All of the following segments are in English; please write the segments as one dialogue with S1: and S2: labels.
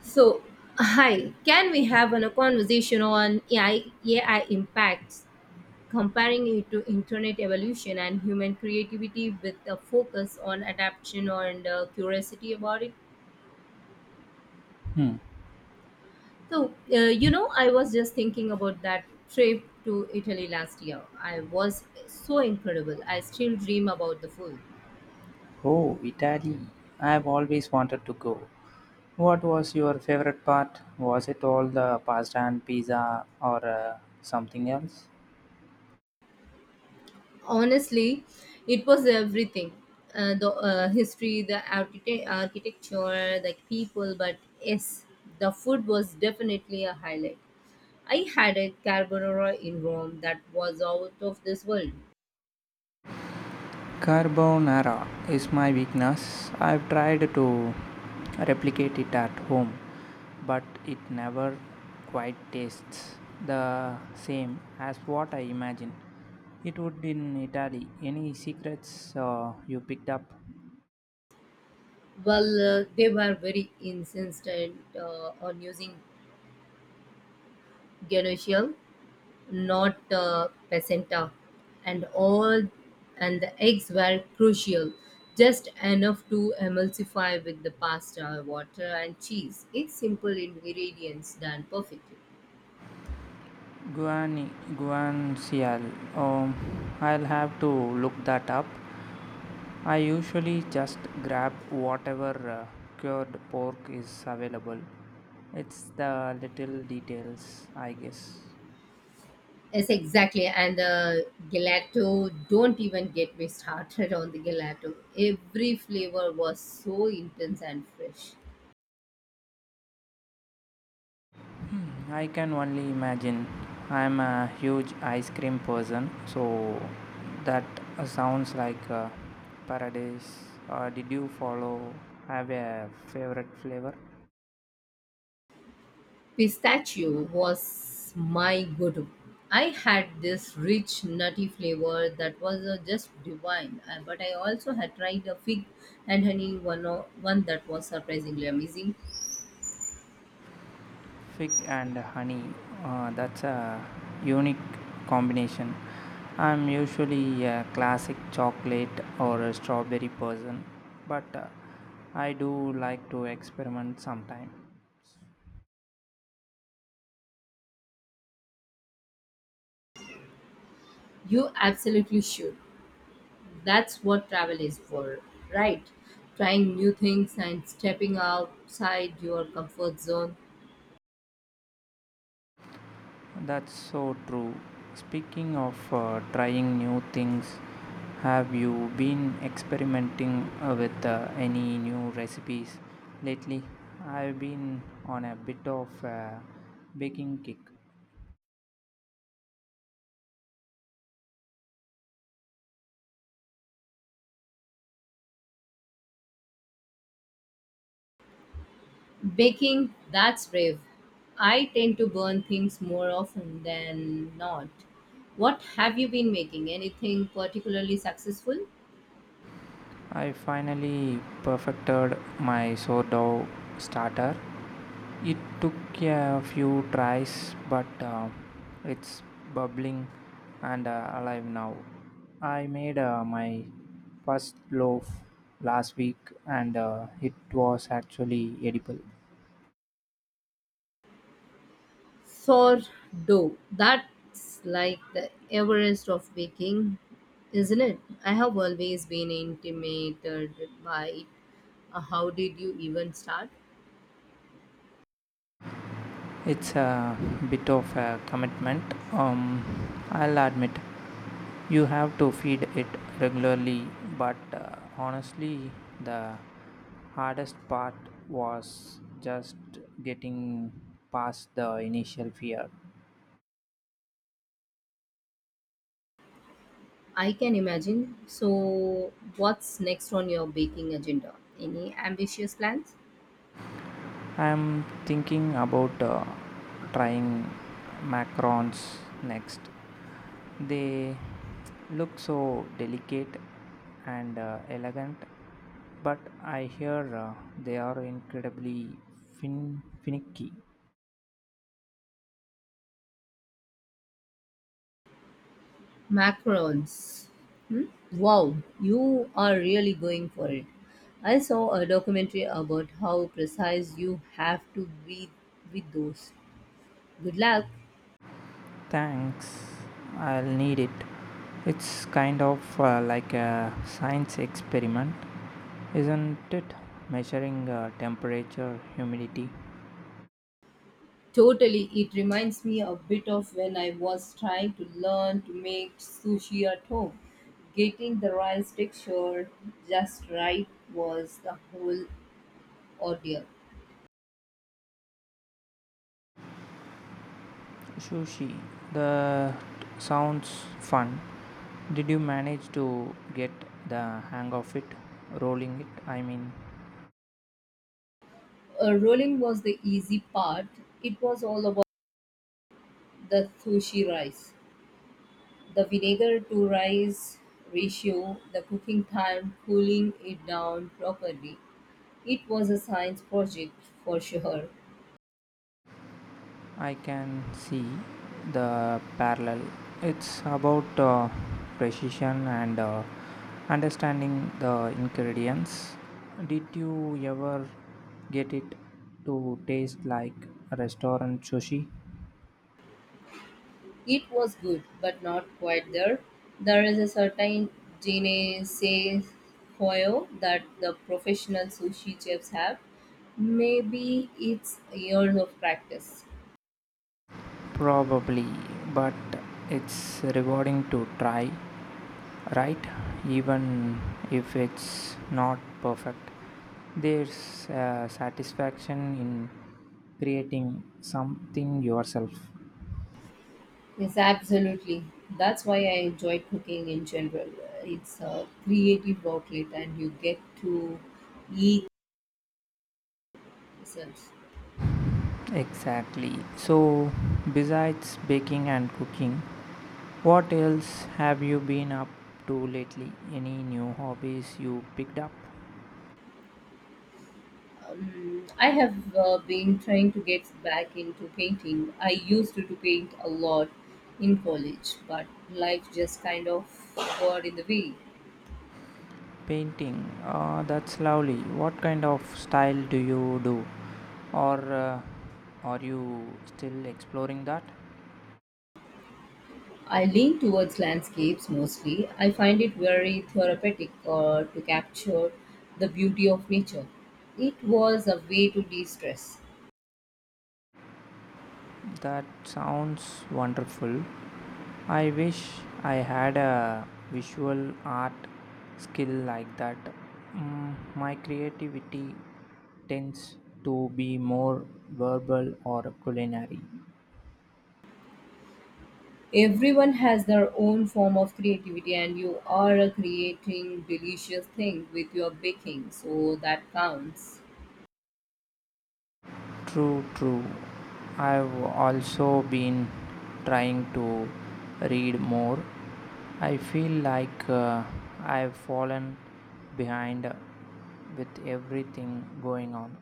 S1: So, hi, can we have a conversation on AI, impacts, comparing it to internet evolution and human creativity with a focus on adaptation and curiosity about it?
S2: Hmm.
S1: I was just thinking about that trip to Italy last year. I was so incredible. I still dream about the food.
S2: Oh, Italy. I've always wanted to go. What was your favorite part? Was it all the pasta and pizza or something else?
S1: Honestly, it was everything. The history, the architecture, the people, but yes, the food was definitely a highlight. I had a carbonara in Rome that was out of this world.
S2: Carbonara is my weakness. I've tried to replicate it at home, but it never quite tastes the same as what I imagined. It would in Italy. Any secrets you picked up?
S1: Well, they were very insistent on using genoshial, not placenta, and all, and the eggs were crucial, just enough to emulsify with the pasta, water, and cheese. It's simple ingredients done perfectly.
S2: Guiana, Guanciale. I'll have to look that up. I usually just grab whatever cured pork is available. It's the little details, I guess.
S1: Yes, exactly. And the gelato, don't even get me started on the gelato. Every flavor was so intense and fresh.
S2: I can only imagine. I'm a huge ice cream person, so that sounds like paradise. Did you follow? Have a favorite flavor?
S1: Pistachio was my go-to. I had this rich nutty flavor that was just divine. But I also had tried a fig and honey one that was surprisingly amazing.
S2: Fig and honey, that's a unique combination. I'm usually a classic chocolate or a strawberry person, but I do like to experiment sometime.
S1: You absolutely should. That's what travel is for, right? Trying new things and stepping outside your comfort zone.
S2: That's so true. Speaking of trying new things, have you been experimenting with any new recipes lately? I've been on a bit of a baking kick.
S1: Baking, that's brave. I tend to burn things more often than not. What have you been making? Anything particularly successful?
S2: I finally perfected my sourdough starter. It took a few tries, but it's bubbling and alive now. I made my first loaf last week and it was actually edible.
S1: Sourdough. That's like the Everest of baking, isn't it? I have always been intimidated by it. How did you even start?
S2: It's a bit of a commitment, um, I'll admit. You have to feed it regularly, but honestly, the hardest part was just getting past the initial fear.
S1: I can imagine. So, what's next on your baking agenda? Any ambitious plans?
S2: I'm thinking about trying macarons next. They look so delicate and elegant, but I hear uh, they are incredibly finicky.
S1: Macarons. Hmm? Wow, you are really going for it. I saw a documentary about how precise you have to be with those. Good luck.
S2: Thanks, I'll need it. It's kind of like a science experiment, isn't it? Measuring temperature, humidity.
S1: Totally, it reminds me a bit of when I was trying to learn to make sushi at home. Getting the rice texture just right was the whole ordeal.
S2: Sushi, that sounds fun. Did you manage to get the hang of it, rolling it, I mean?
S1: Rolling was the easy part, it was all about the sushi rice. The vinegar to rice ratio, the cooking time, cooling it down properly. It was a science project for sure.
S2: I can see the parallel. It's about precision and understanding the ingredients. Did you ever get it to taste like restaurant sushi?
S1: It was good, but not quite there. There is a certain say foil that the professional sushi chefs have. Maybe it's years of practice.
S2: Probably, but it's rewarding to try, right? Even if it's not perfect, there's a satisfaction in creating something yourself.
S1: Yes, absolutely. That's why I enjoy cooking in general. It's a creative outlet, and you get to eat myself.
S2: Exactly. So, besides baking and cooking, what else have you been up to lately? Any new hobbies you picked up?
S1: I have been trying to get back into painting. I used to paint a lot in college, but life just kind of got in the way.
S2: Painting. Ah, that's lovely. What kind of style do you do? Or are you still exploring that?
S1: I lean towards landscapes mostly. I find it very therapeutic to capture the beauty of nature. It was a way to de stress.
S2: That sounds wonderful. I wish I had a visual art skill like that. Mm, my creativity tends to be more verbal or culinary.
S1: Everyone has their own form of creativity, and you are creating delicious thing with your baking, so that counts.
S2: True, true. I've also been trying to read more. I feel like I've fallen behind with everything going on.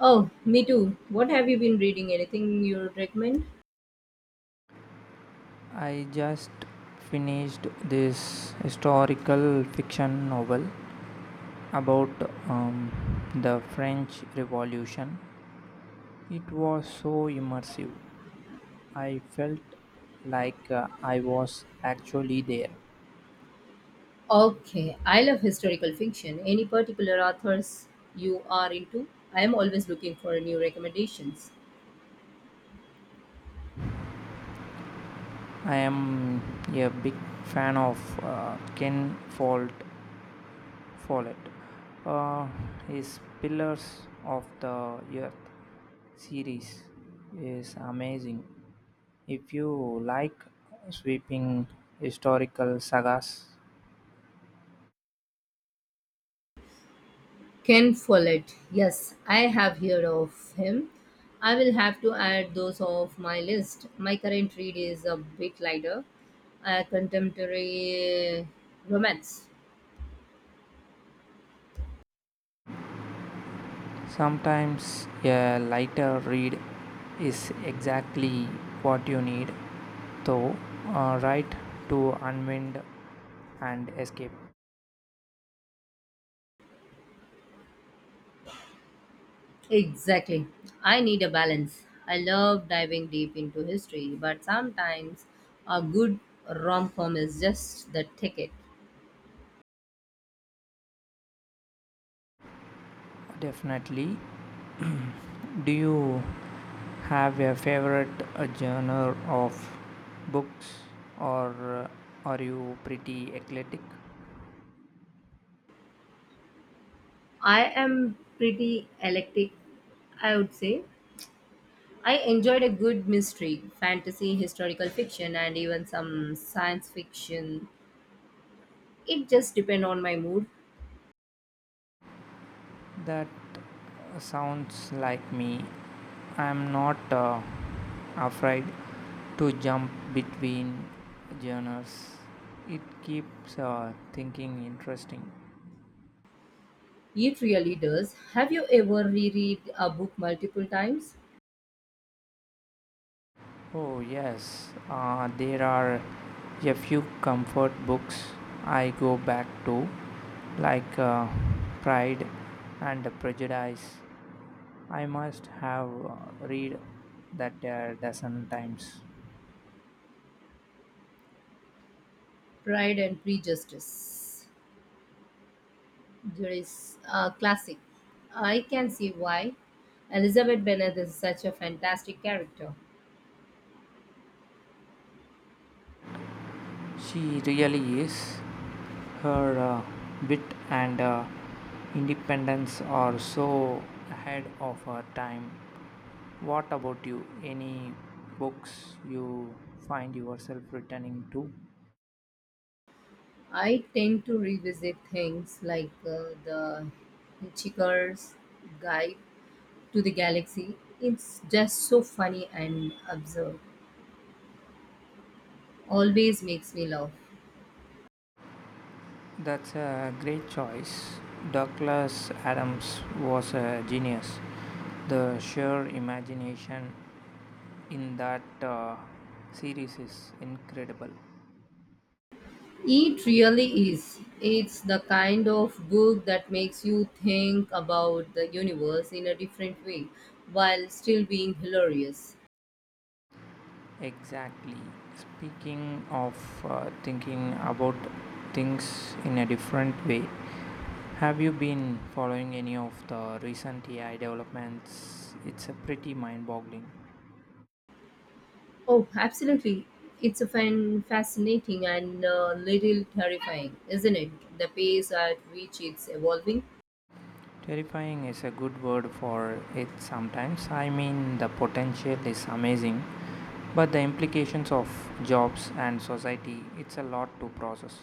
S1: Oh, me too. What have you been reading? Anything you recommend?
S2: I just finished this historical fiction novel about um, the French Revolution. It was so immersive. I felt like I was actually there.
S1: Okay, I love historical fiction. Any particular authors you are into? I am always looking for new recommendations.
S2: I am a big fan of Ken Follett. Follett. Uh, his Pillars of the Earth series is amazing. If you like sweeping historical sagas,
S1: Ken Follett. Yes, I have heard of him. I will have to add those off my list. My current read is a bit lighter, a contemporary romance.
S2: sometimes a lighter read is exactly what you need, though, right, to unwind and escape.
S1: Exactly. I need a balance. I love diving deep into history, but sometimes a good rom com is just the ticket.
S2: Definitely. Do you have a favorite genre of books, or uh, are you pretty eclectic?
S1: I am pretty eclectic, I would say. I enjoyed a good mystery, fantasy, historical fiction, and even some science fiction. It just depends on my mood.
S2: That sounds like me. I'm not afraid to jump between genres. It keeps thinking interesting.
S1: It really does. Have you ever reread a book multiple times?
S2: Oh, yes, there are a few comfort books I go back to, like Pride and Prejudice. I must have read that a dozen times.
S1: Pride and Prejudice. There is a classic. I can see why Elizabeth Bennet is such a fantastic character.
S2: She really is. Her wit and independence are so ahead of her time. What about you? Any books you find yourself returning to?
S1: I tend to revisit things like the Hitchhiker's Guide to the Galaxy. It's just so funny and absurd. Always makes me laugh.
S2: That's a great choice. Douglas Adams was a genius. The sheer imagination in that series is incredible.
S1: It really is. It's the kind of book that makes you think about the universe in a different way while still being hilarious.
S2: Exactly. Speaking of thinking about things in a different way, have you been following any of the recent AI developments? It's a pretty mind boggling.
S1: Oh, absolutely. It's a fan fascinating and a little terrifying, isn't it? The pace at which it's evolving.
S2: Terrifying is a good word for it sometimes. I mean, the potential is amazing, but the implications of jobs and society, it's a lot to process.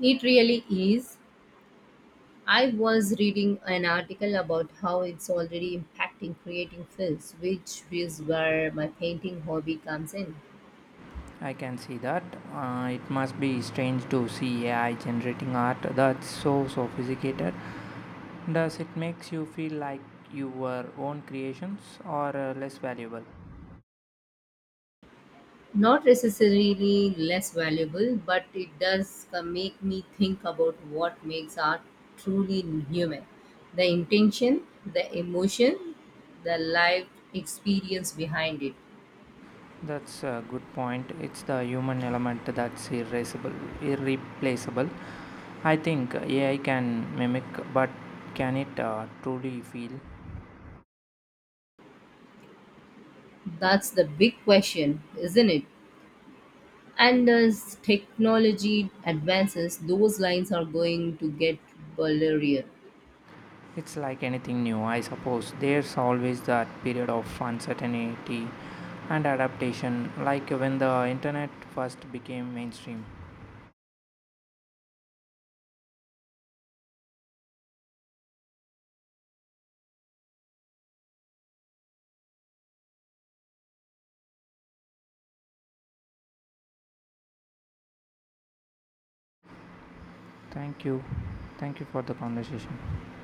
S1: It really is. I was reading an article about how it's already impacting creating films, which is where my painting hobby comes in.
S2: I can see that. It must be strange to see AI generating art that's so sophisticated. Does it makes you feel like you were own creations or less valuable?
S1: Not necessarily less valuable, but it does make me think about what makes art truly human, the intention, the emotion, the life experience behind it.
S2: That's a good point. It's the human element that's irreplaceable. Irreplaceable. I think AI can mimic, but can it truly feel?
S1: That's the big question, isn't it? And as technology advances, those lines are going to get blurrier.
S2: It's like anything new, I suppose. There's always that period of uncertainty and adaptation, like when the internet first became mainstream. Thank you. Thank you for the conversation.